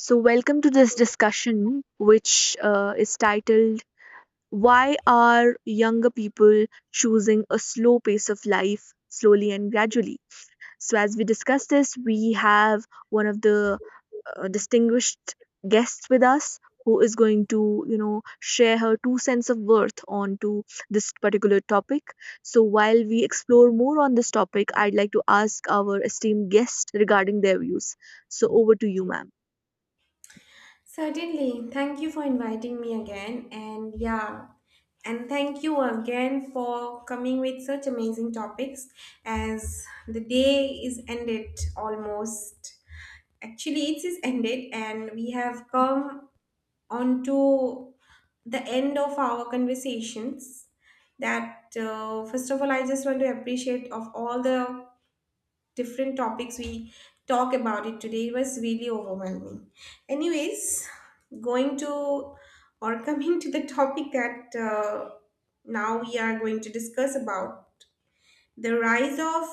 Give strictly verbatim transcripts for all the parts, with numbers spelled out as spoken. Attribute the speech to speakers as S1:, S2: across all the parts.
S1: So, welcome to this discussion, which uh, is titled "Why Are Younger People Choosing a Slow Pace of Life Slowly and Gradually?" So, as we discuss this, we have one of the uh, distinguished guests with us who is going to you know share her two cents of worth onto this particular topic. So while we explore more on this topic, I'd like to ask our esteemed guest regarding their views. So over to you, ma'am.
S2: Certainly. Thank you for inviting me again. And yeah, and thank you again for coming with such amazing topics as the day is ended almost. Actually, it is ended, and we have come on to the end of our conversations. That uh, First of all, I just want to appreciate of all the different topics we talk about it today, it was really overwhelming. Anyways, going to, or coming to the topic that uh, now we are going to discuss about, the rise of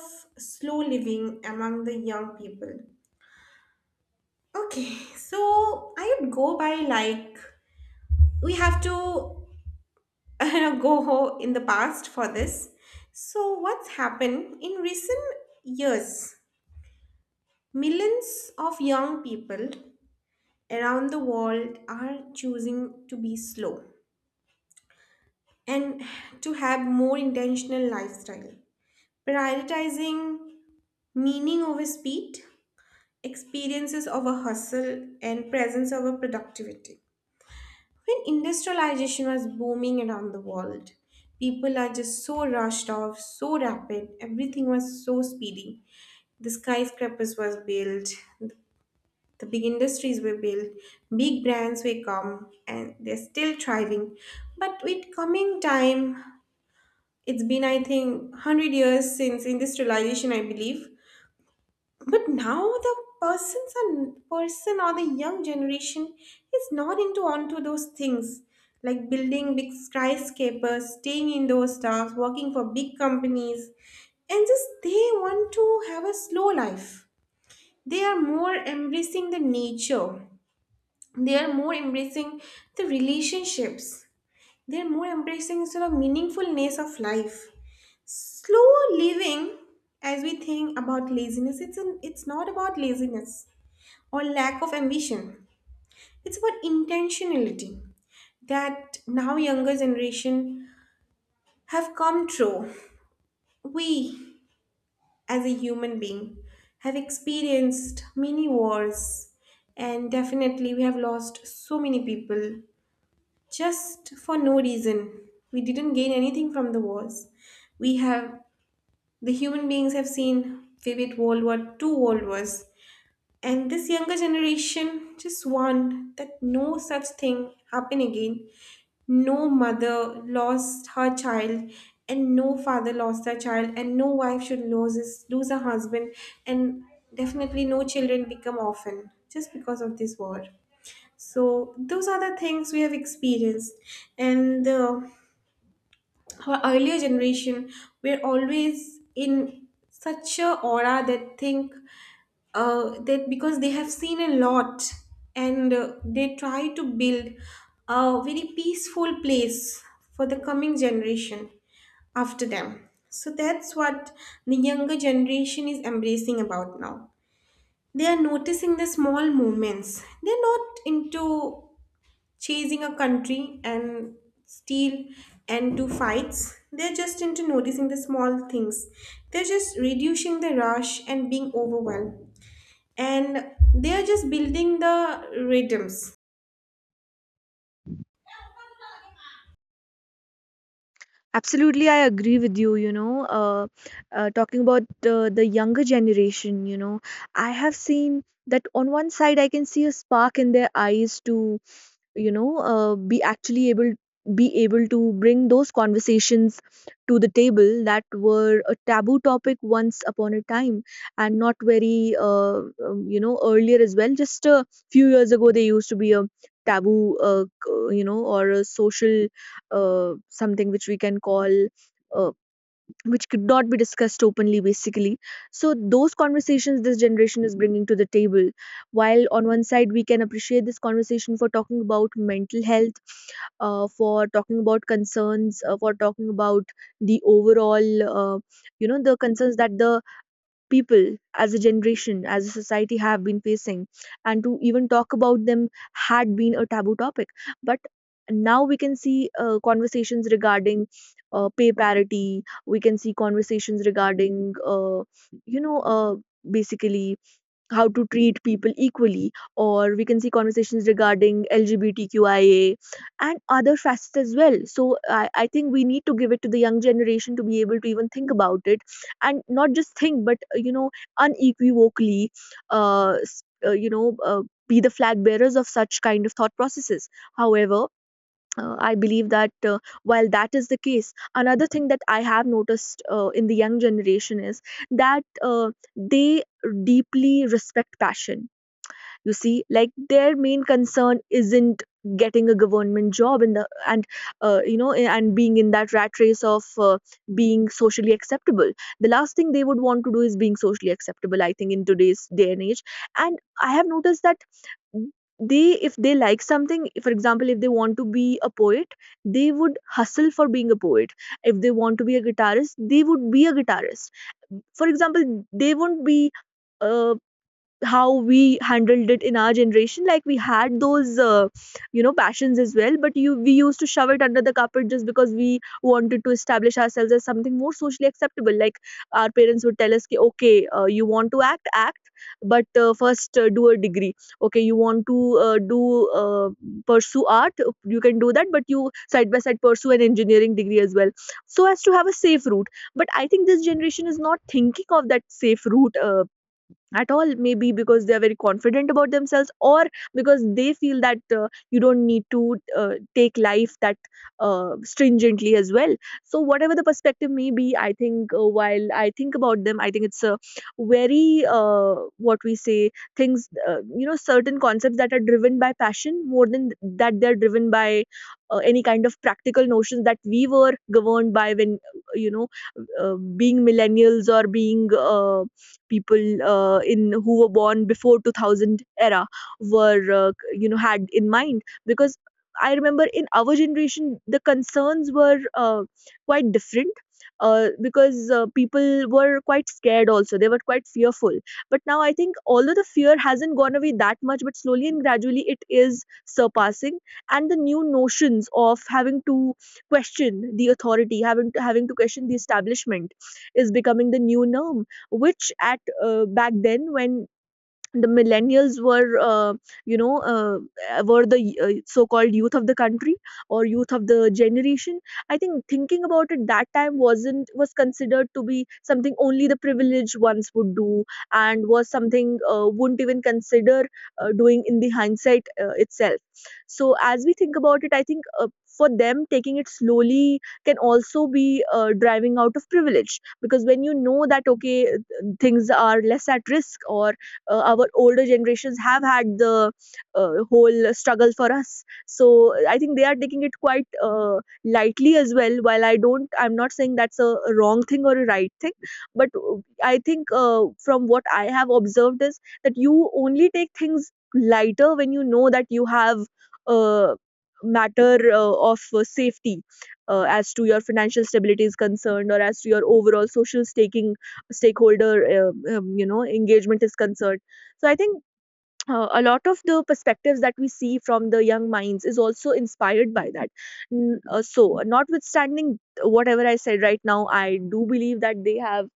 S2: slow living among the young people. Okay, so I would go by like, we have to go ho- in the past for this. So what's happened in recent years, millions of young people around the world are choosing to be slow and to have more intentional lifestyle, prioritizing meaning over speed, experiences over hustle, and presence over productivity. When industrialization was booming around the world, people are just so rushed off, so rapid, everything was so speedy. The skyscrapers was built. The big industries were built, big brands were come, and they're still thriving. But with coming time, it's been I think one hundred years since industrialization, I believe. But now the persons and person, or the young generation, is not into onto those things like building big skyscrapers, staying in those stars, working for big companies, and just they want to have a slow life. They are more embracing the nature, they are more embracing the relationships, they are more embracing sort of meaningfulness of life. Slow living, as we think about laziness, it's an, it's not about laziness or lack of ambition. It's about intentionality, that now younger generation have come through. We as a human being have experienced many wars, and definitely we have lost so many people just for no reason. We didn't gain anything from the wars. We have, the human beings have seen vivid World War two, World Wars. And this younger generation just want that no such thing happen again. No mother lost her child, and no father lost their child, and no wife should lose his, lose her husband, and definitely no children become orphan just because of this war. So those are the things we have experienced, and uh, our earlier generation were always in such a aura that think, uh, that because they have seen a lot, and uh, they try to build a very peaceful place for the coming generation after them. So that's what the younger generation is embracing about now. They are noticing the small movements. They're not into chasing a country and steal and to fights. They're just into noticing the small things. They're just reducing the rush and being overwhelmed. And they're just building the rhythms.
S1: Absolutely, I agree with you. You know, uh, uh, talking about uh, the younger generation, you know, I have seen that on one side I can see a spark in their eyes to you know uh, be actually able be able to bring those conversations to the table that were a taboo topic once upon a time, and not very uh, um, you know earlier as well, just a few years ago they used to be a taboo uh, c- you know or a social uh, something which we can call uh, which could not be discussed openly, basically. So those conversations this generation is bringing to the table, while on one side we can appreciate this conversation for talking about mental health, uh, for talking about concerns, uh, for talking about the overall uh, you know, the concerns that the people as a generation, as a society, have been facing, and to even talk about them had been a taboo topic. But now we can see uh, conversations regarding uh, pay parity. We can see conversations regarding, uh, you know, uh, basically, how to treat people equally, or we can see conversations regarding LGBTQIA and other facets as well. So I, I think we need to give it to the young generation to be able to even think about it, and not just think, but uh, you know unequivocally uh, s- uh, you know uh, be the flag bearers of such kind of thought processes. However, uh, I believe that uh, while that is the case, another thing that I have noticed uh, in the young generation is that uh, they deeply respect passion. You see, like, their main concern isn't getting a government job in the and uh, you know eh, and being in that rat race of uh, being socially acceptable. The last thing they would want to do is being socially acceptable, I think, in today's day and age. And I have noticed that they, if they like something, for example, if they want to be a poet, they would hustle for being a poet. If they want to be a guitarist, they would be a guitarist. For example, they won't be uh, how we handled it in our generation. Like, we had those uh, you know passions as well, but you we used to shove it under the carpet just because we wanted to establish ourselves as something more socially acceptable. Like, our parents would tell us, "Ki, okay, uh, you want to act act, but uh, first uh, do a degree. Okay, you want to uh, do uh, pursue art, you can do that, but you side by side pursue an engineering degree as well, so as to have a safe route." But I think this generation is not thinking of that safe route uh, at all, maybe because they are very confident about themselves, or because they feel that uh, you don't need to uh, take life that uh, stringently as well. So whatever the perspective may be, I think uh, while I think about them, I think it's a very uh, what we say, things uh, you know certain concepts that are driven by passion more than that they're driven by uh, any kind of practical notions that we were governed by when uh, you know uh, being millennials, or being uh, people uh, in who were born before two thousand era were uh, you know had in mind. Because I remember in our generation the concerns were uh, quite different, uh, because uh, people were quite scared, also they were quite fearful. But now I think, although the fear hasn't gone away that much, but slowly and gradually it is surpassing, and the new notions of having to question the authority, having to having to question the establishment, is becoming the new norm, which at uh, back then when the millennials were uh, you know uh, were the uh, so-called youth of the country or youth of the generation, I think thinking about it that time wasn't was considered to be something only the privileged ones would do, and was something uh, wouldn't even consider uh, doing in the hindsight uh, itself. So as we think about it, I think uh, for them taking it slowly can also be uh, driving out of privilege, because when you know that, okay, things are less at risk, or uh, our older generations have had the uh, whole struggle for us, so I think they are taking it quite uh, lightly as well. While I don't I'm not saying that's a wrong thing or a right thing, but uh, I think uh, from what I have observed is that you only take things lighter when you know that you have a matter uh, of uh, safety, uh, as to your financial stability is concerned, or as to your overall social staking stakeholder uh, um, you know engagement is concerned. So I think uh, a lot of the perspectives that we see from the young minds is also inspired by that. N- uh, so, notwithstanding whatever I said right now, I do believe that they have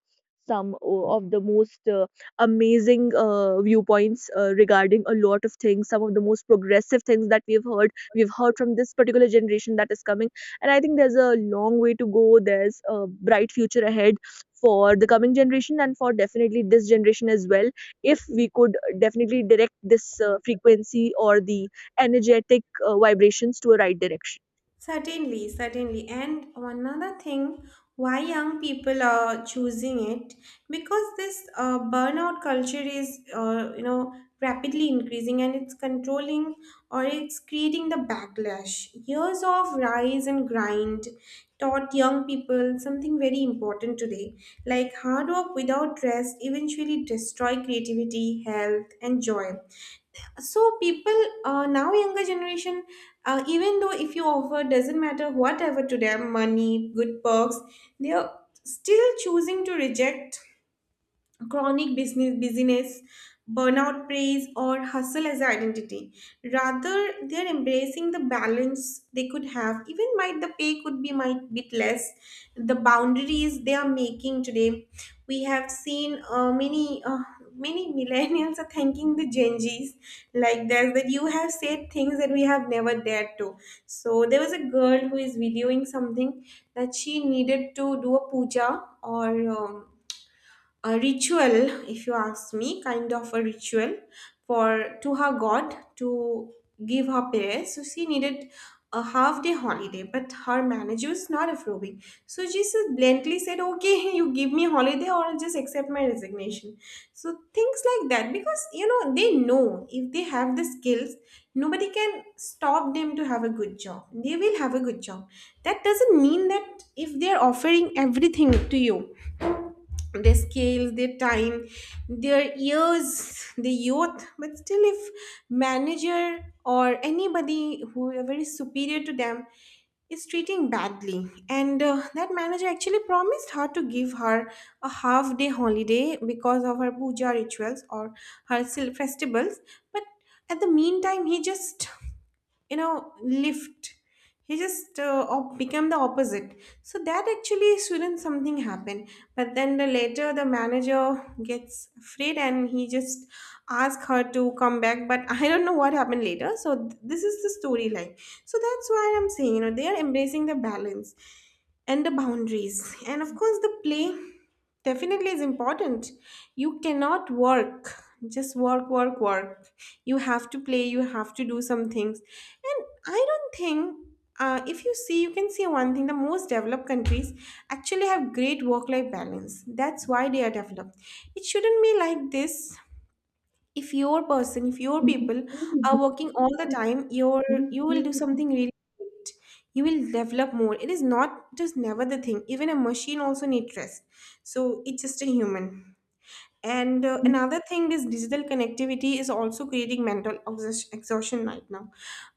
S1: some o- of the most uh, amazing uh, viewpoints uh, regarding a lot of things, some of the most progressive things that we've heard we've heard from this particular generation that is coming. And I think there's a long way to go, there's a bright future ahead for the coming generation and for definitely this generation as well, if we could definitely direct this uh, frequency or the energetic uh, vibrations to a right direction.
S2: Certainly, certainly. And another thing, why young people are choosing it? Because this uh, burnout culture is, uh, you know, rapidly increasing and it's controlling, or it's creating the backlash. Years of rise and grind taught young people something very important today. Like hard work without rest eventually destroy creativity, health, and joy. So people, uh, now younger generation, uh, even though if you offer doesn't matter whatever to them, money, good perks, they are still choosing to reject chronic business, busyness, burnout praise, or hustle as identity. Rather, they're embracing the balance. They could have even might, the pay could be might bit less, the boundaries they are making today. We have seen uh, many, uh, many millennials are thanking the gen z's, like this, that you have said things that we have never dared to. So there was a girl who is videoing something, that she needed to do a puja, or um, a ritual, if you ask me, kind of a ritual, for to her god to give her prayers. So she needed a half day holiday, but her manager was not approving, so she just bluntly said, okay, you give me holiday or I'll just accept my resignation. So things like that, because you know they know if they have the skills, nobody can stop them to have a good job, they will have a good job. That doesn't mean that if they're offering everything to you, their scales, their time, their years, the youth. But still, if manager or anybody whoever very superior to them is treating badly, and uh, that manager actually promised her to give her a half day holiday because of her puja rituals or her sil- festivals, but at the meantime, he just you know lift, he just uh, op- became the opposite. So that actually shouldn't something happen, but then the later the manager gets afraid and he just asks her to come back, but I don't know what happened later. So th- this is the storyline. So that's why I'm saying, you know, they are embracing the balance and the boundaries. And of course, the play definitely is important. You cannot work, just work, work, work. You have to play, you have to do some things. And I don't think. Uh, if you see, you can see one thing, the most developed countries actually have great work life balance. That's why they are developed. It shouldn't be like this. If your person, if your people are working all the time, your, you will do something really great, you will develop more. It is not just, never the thing. Even a machine also needs rest, so it's just a human. And uh, Another thing is digital connectivity is also creating mental exhaust- exhaustion right now.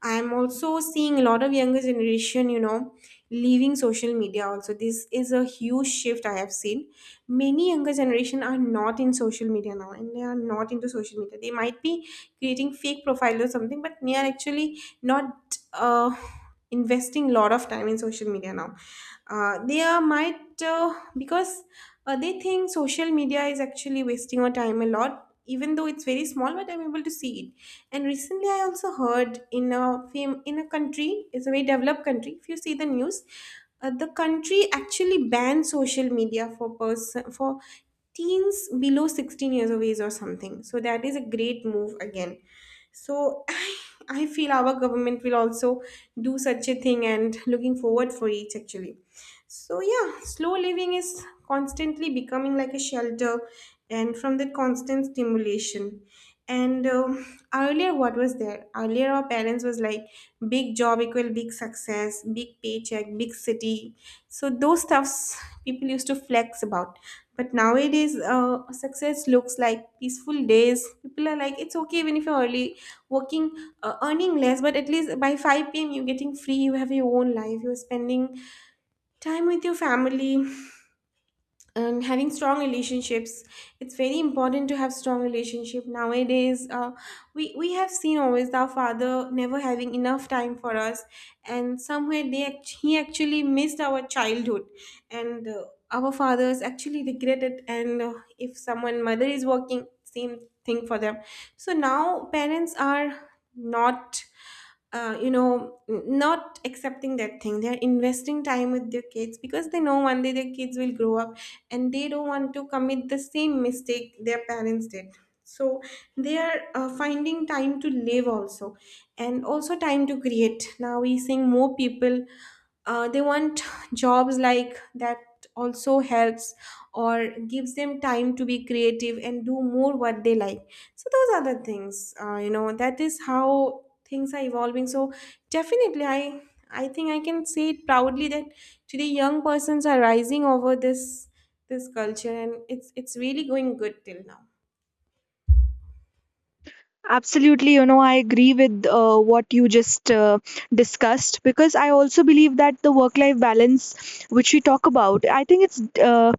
S2: I am also seeing a lot of younger generation, you know, leaving social media also. This is a huge shift I have seen. Many younger generation are not in social media now and they are not into social media. They might be creating fake profile or something, but they are actually not uh, investing a lot of time in social media now. Uh, they are might, uh, because uh, they think social media is actually wasting our time a lot, even though it's very small, but I'm able to see it. And recently, I also heard in a fam- in a country, it's a very developed country. If you see the news, uh, the country actually banned social media for person, for teens below sixteen years of age or something. So that is a great move again. So I, I feel our government will also do such a thing, and looking forward for it actually. So yeah, slow living is constantly becoming like a shelter and from that constant stimulation and um, earlier, what was there earlier, our parents was like big job equal big success, big paycheck, big city. So those stuffs people used to flex about, but nowadays uh, success looks like peaceful days. People are like, it's okay even if you're early working, uh, earning less, but at least by five p.m. you're getting free, you have your own life, you're spending time with your family and having strong relationships. It's very important to have strong relationship nowadays. Uh, we we have seen always our father never having enough time for us, and somewhere they act- he actually missed our childhood, and uh, our fathers actually regret it. And uh, if someone mother is working, same thing for them. So now parents are not, uh, you know, n- not accepting that thing. They're investing time with their kids because they know one day their kids will grow up and they don't want to commit the same mistake their parents did. So they are uh, finding time to live also, and also time to create. Now we seeing more people, uh, they want jobs like that also helps or gives them time to be creative and do more what they like. So those are the things, uh, you know, that is how things are evolving. So definitely i i think I can say it proudly that today young persons are rising over this, this culture, and it's it's really going good till now.
S1: Absolutely, you know, I agree with uh, what you just uh, discussed, because I also believe that the work life balance, which we talk about, I think it's uh,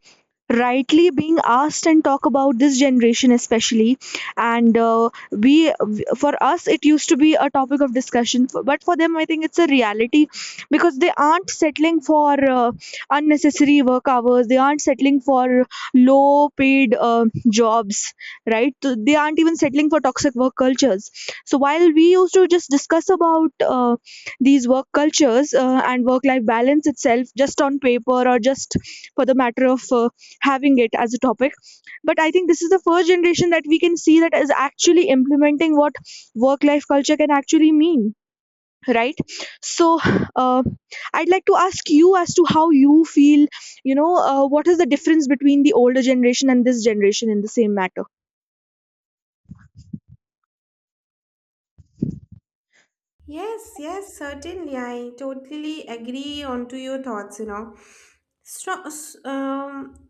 S1: rightly being asked and talk about this generation especially. And uh, we for us, it used to be a topic of discussion f- but for them I think it's a reality, because they aren't settling for uh, unnecessary work hours, they aren't settling for low paid uh, jobs, right? So they aren't even settling for toxic work cultures. So while we used to just discuss about uh, these work cultures uh, and work life balance itself just on paper or just for the matter of uh, having it as a topic, but I think this is the first generation that we can see that is actually implementing what work life culture can actually mean, right? So uh, I'd like to ask you as to how you feel, you know uh, what is the difference between the older generation and this generation in the same matter.
S2: Yes, yes, certainly. I totally agree onto your thoughts, you know. Stro- s- um,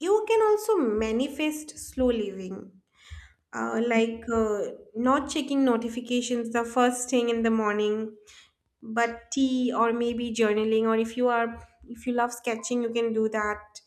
S2: you can also manifest slow living, uh, like uh, not checking notifications the first thing in the morning, but tea or maybe journaling, or if you are, if you love sketching you can do that,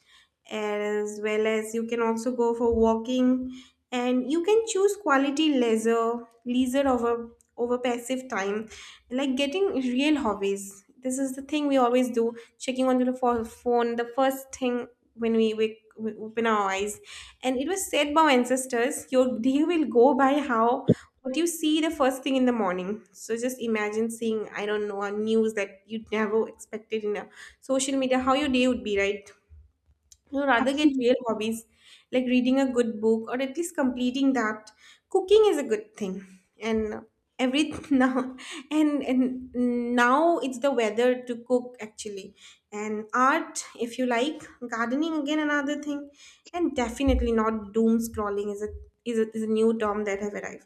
S2: as well as you can also go for walking. And you can choose quality leisure leisure over over passive time, like getting real hobbies. This is the thing we always do, checking onto the pho- phone the first thing when we wake, we open our eyes. And it was said by our ancestors, your day will go by how, what do you see the first thing in the morning. So just imagine seeing, I don't know, a news that you never expected in a social media, how your day would be, right? You rather get
S1: Absolutely,
S2: real hobbies like reading a good book or at least completing that. Cooking is a good thing. And every now and and now it's the weather to cook, actually. And art, if you like. Gardening, again, another thing. And definitely not, doom scrolling is a is a, is a new term that have arrived.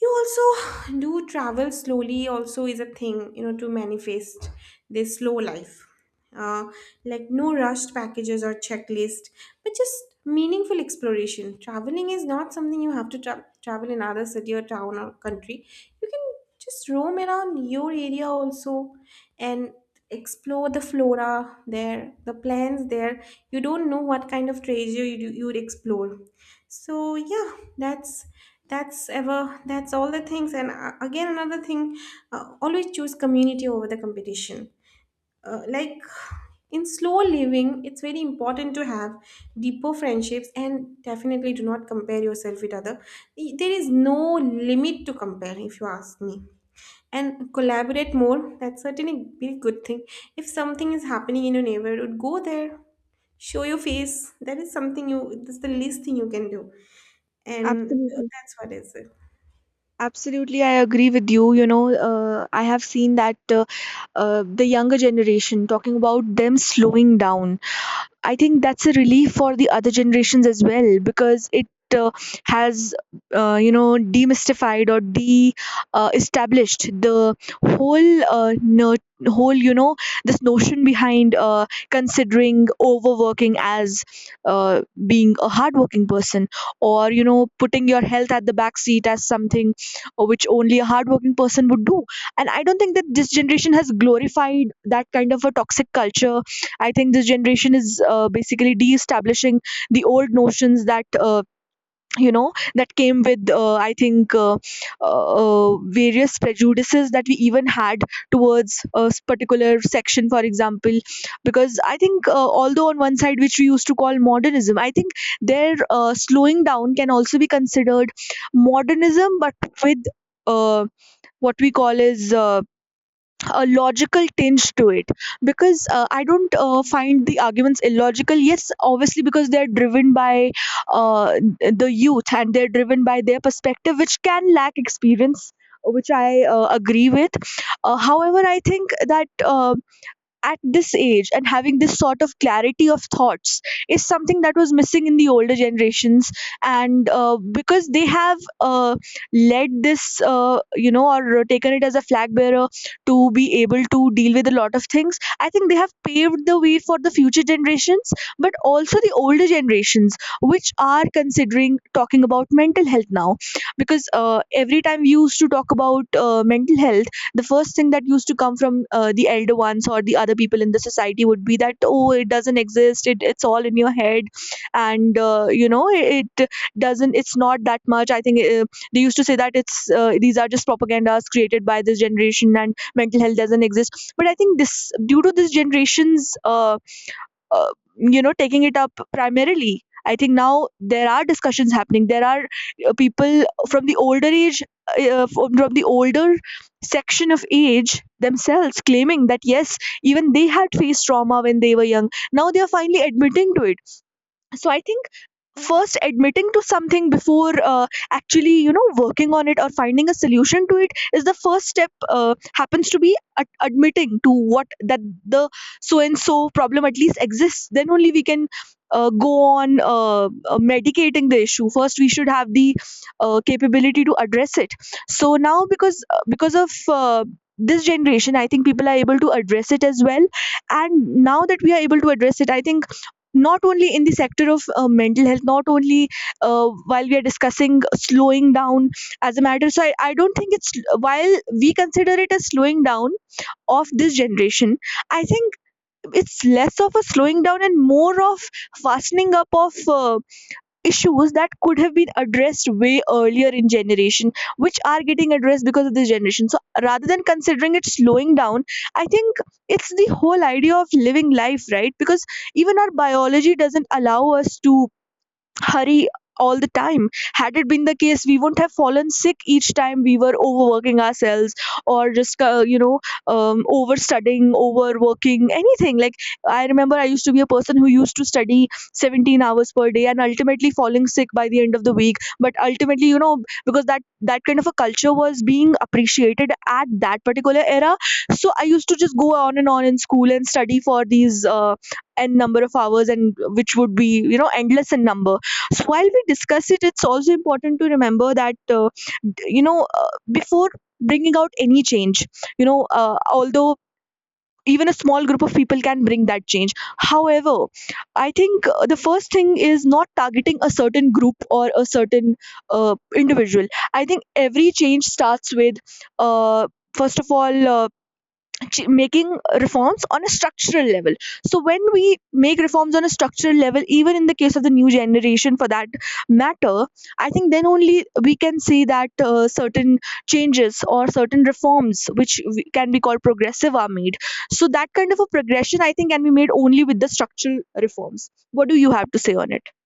S2: You also do travel slowly, also is a thing, you know, to manifest this slow life. uh, like no rushed packages or checklist, but just meaningful exploration. Traveling is not something you have to tra- travel in other city or town or country. You can just roam around your area also, and explore the flora there, the plants there. You don't know what kind of treasure you, you would explore. So yeah, that's that's ever that's all the things. And uh, again, another thing. Uh, always choose community over the competition. Uh, like in slow living it's very important to have deeper friendships, and definitely do not compare yourself with other. There is no limit to compare, if you ask me. And collaborate more, that's certainly a very good thing. If something is happening in your neighborhood, go there, show your face. That is something you, that's the least thing you can do. And
S1: absolutely,
S2: that's what is it.
S1: absolutely. I agree with you. You know, uh, I have seen that uh, uh, the younger generation talking about them slowing down, I think that's a relief for the other generations as well, because it uh, has, uh, you know, demystified or de uh, established the whole, uh, ner- whole, you know, this notion behind uh, considering overworking as uh, being a hardworking person, or, you know, putting your health at the back seat as something uh, which only a hardworking person would do. And I don't think that this generation has glorified that kind of a toxic culture. I think this generation is uh, basically de-establishing the old notions that uh, you know that came with uh, I think uh, uh, uh, various prejudices that we even had towards a s- particular section, for example, because I think uh, although on one side which we used to call modernism, I think their uh, slowing down can also be considered modernism, but with uh, what we call is uh, a logical tinge to it, because uh, I don't uh, find the arguments illogical. Yes, obviously because they're driven by uh, the youth, and they're driven by their perspective which can lack experience, which I uh, agree with. Uh, however, I think that uh, at this age, and having this sort of clarity of thoughts, is something that was missing in the older generations. And uh, because they have uh, led this, uh, you know or taken it as a flag bearer to be able to deal with a lot of things, I think they have paved the way for the future generations, but also the older generations which are considering talking about mental health now. Because uh, every time we used to talk about uh, mental health, the first thing that used to come from uh, the elder ones or the other people in the society would be that, oh, it doesn't exist, it, it's all in your head. And uh, you know it, it doesn't, it's not that much. I think uh, they used to say that it's uh, these are just propagandas created by this generation and mental health doesn't exist. But I think this, due to this generation's uh, uh, you know taking it up primarily, I think now there are discussions happening. There are uh, people from the older age, uh, uh, from from the older section of age themselves claiming that yes, even they had faced trauma when they were young. Now they are finally admitting to it. So I think first admitting to something before uh, actually, you know, working on it or finding a solution to it is the first step. Uh, happens to be ad- admitting to what, that the so and so problem at least exists. Then only we can uh, go on uh, uh, medicating the issue. First we should have the uh, capability to address it. So now, because uh, because of uh, this generation, I think people are able to address it as well. And now that we are able to address it, I think not only in the sector of uh, mental health, not only uh, while we are discussing slowing down as a matter, so I, I don't think it's, while we consider it as slowing down of this generation, I think it's less of a slowing down and more of fastening up of uh, issues that could have been addressed way earlier in generation, which are getting addressed because of this generation. So rather than considering it slowing down, I think it's the whole idea of living life, right? Because even our biology doesn't allow us to hurry all the time. Had it been the case, we wouldn't have fallen sick each time we were overworking ourselves, or just, uh, you know, um, overstudying, overworking, anything. Like, I remember I used to be a person who used to study seventeen hours per day and ultimately falling sick by the end of the week. But ultimately, you know, because that, that kind of a culture was being appreciated at that particular era. So I used to just go on and on in school and study for these. Uh, n number of hours, and which would be, you know, endless in number. So while we discuss it, it's also important to remember that, uh, d- you know uh, before bringing out any change, you know, uh, although even a small group of people can bring that change. However, I think uh, the first thing is not targeting a certain group or a certain uh, individual. I think every change starts with, uh, first of all, uh, ch- making reforms on a structural level. So when we make reforms on a structural level, even in the case of the new generation for that matter, I think then only we can see that uh, certain changes or certain reforms, which we- can be called progressive, are made. So that kind of a progression, I think, can be made only with the structural reforms. What do you have to say on it?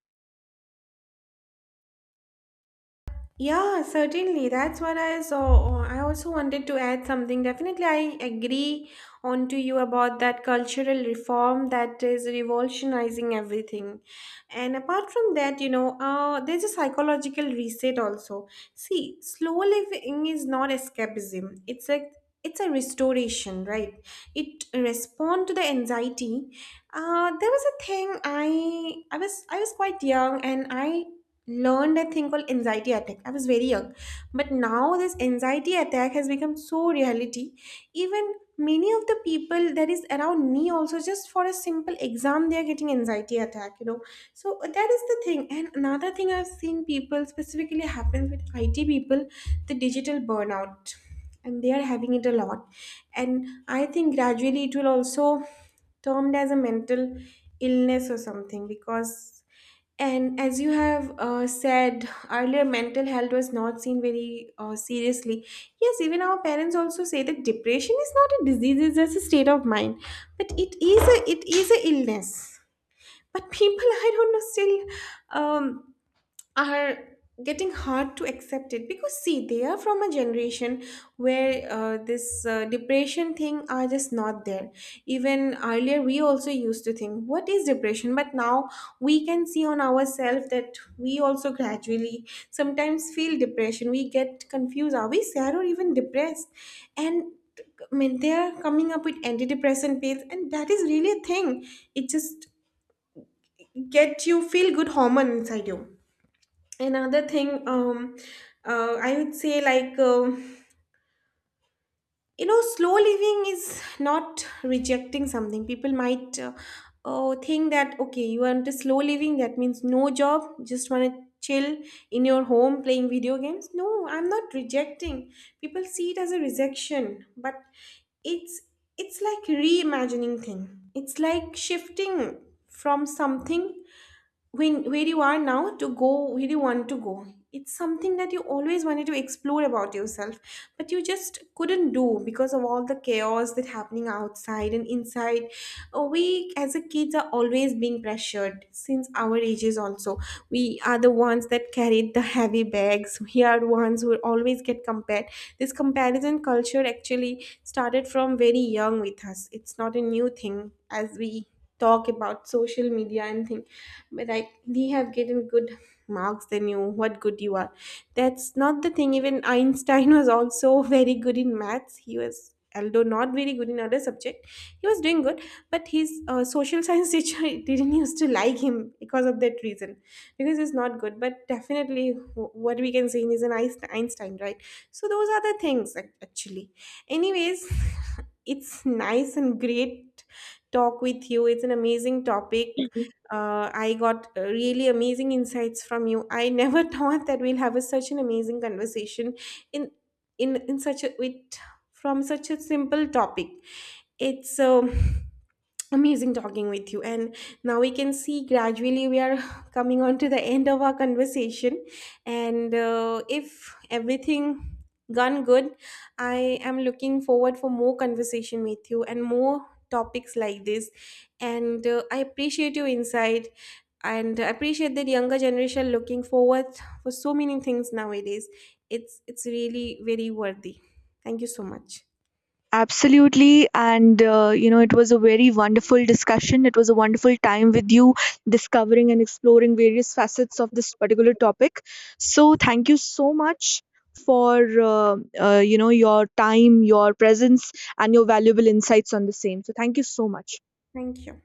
S2: Yeah, certainly. That's what I saw. Oh, I also wanted to add something. Definitely, I agree on to you about that cultural reform that is revolutionizing everything. And apart from that, you know, uh, there's a psychological reset also. See, slow living is not escapism. It's like it's a restoration, right? It respond to the anxiety. Uh, there was a thing, I I was I was quite young, and I learned a thing called anxiety attack. I was very young, but now this anxiety attack has become so reality. Even many of the people that is around me also, just for a simple exam they are getting anxiety attack, you know. So uh, that is the thing. And another thing, I've seen people, specifically happens with it, people, the digital burnout, and they are having it a lot. And I think gradually it will also termed as a mental illness or something, because, and as you have uh, said earlier, mental health was not seen very uh, seriously. Yes, even our parents also say that depression is not a disease; it's just a state of mind. But it is a it is a illness. But people, I don't know, still um, are getting hard to accept it, because see they are from a generation where uh, this uh, depression thing are just not there. Even earlier we also used to think what is depression, but now we can see on ourselves that we also gradually sometimes feel depression. We get confused, are we sad or even depressed. And I mean, they are coming up with antidepressant pills, and that is really a thing. It just gets you feel good hormone inside you. Another thing, um uh, I would say, like, um you know, slow living is not rejecting something. People might uh, uh, think that, okay, you want to slow living, that means no job, just want to chill in your home playing video games. No, I'm not rejecting. People see it as a rejection, but it's it's like reimagining thing. It's like shifting from something, when where you are now to go where you want to go. It's something that you always wanted to explore about yourself, but you just couldn't do because of all the chaos that happening outside and inside. Uh, we as a kids are always being pressured since our ages also. We are the ones that carried the heavy bags. We are ones who always get compared. This comparison culture actually started from very young with us. It's not a new thing as we talk about social media and thing. But like, we have getting good marks than you, what good you are. That's not the thing. Even Einstein was also very good in maths. He was, although not very good in other subject, he was doing good. But his uh, social science teacher didn't used to like him because of that reason, because he's not good. But definitely wh- what we can say, he's an Einst- einstein, right? So those are the things ac- actually. Anyways, it's nice and great talk with you. It's an amazing topic. uh, I got uh, really amazing insights from you. I never thought that we'll have a, such an amazing conversation in in in such a with, from such a simple topic. It's um amazing talking with you. And now we can see gradually we are coming on to the end of our conversation. And uh, if everything gone good, I am looking forward for more conversation with you and more topics like this. And uh, I appreciate your insight, and I appreciate that younger generation looking forward for so many things nowadays. It's it's really very worthy. Thank you so much.
S1: Absolutely. And, uh, you know, it was a very wonderful discussion. It was a wonderful time with you discovering and exploring various facets of this particular topic. So, thank you so much for, uh, uh, you know, your time, your presence, and your valuable insights on the same. So, thank you so much.
S2: Thank you.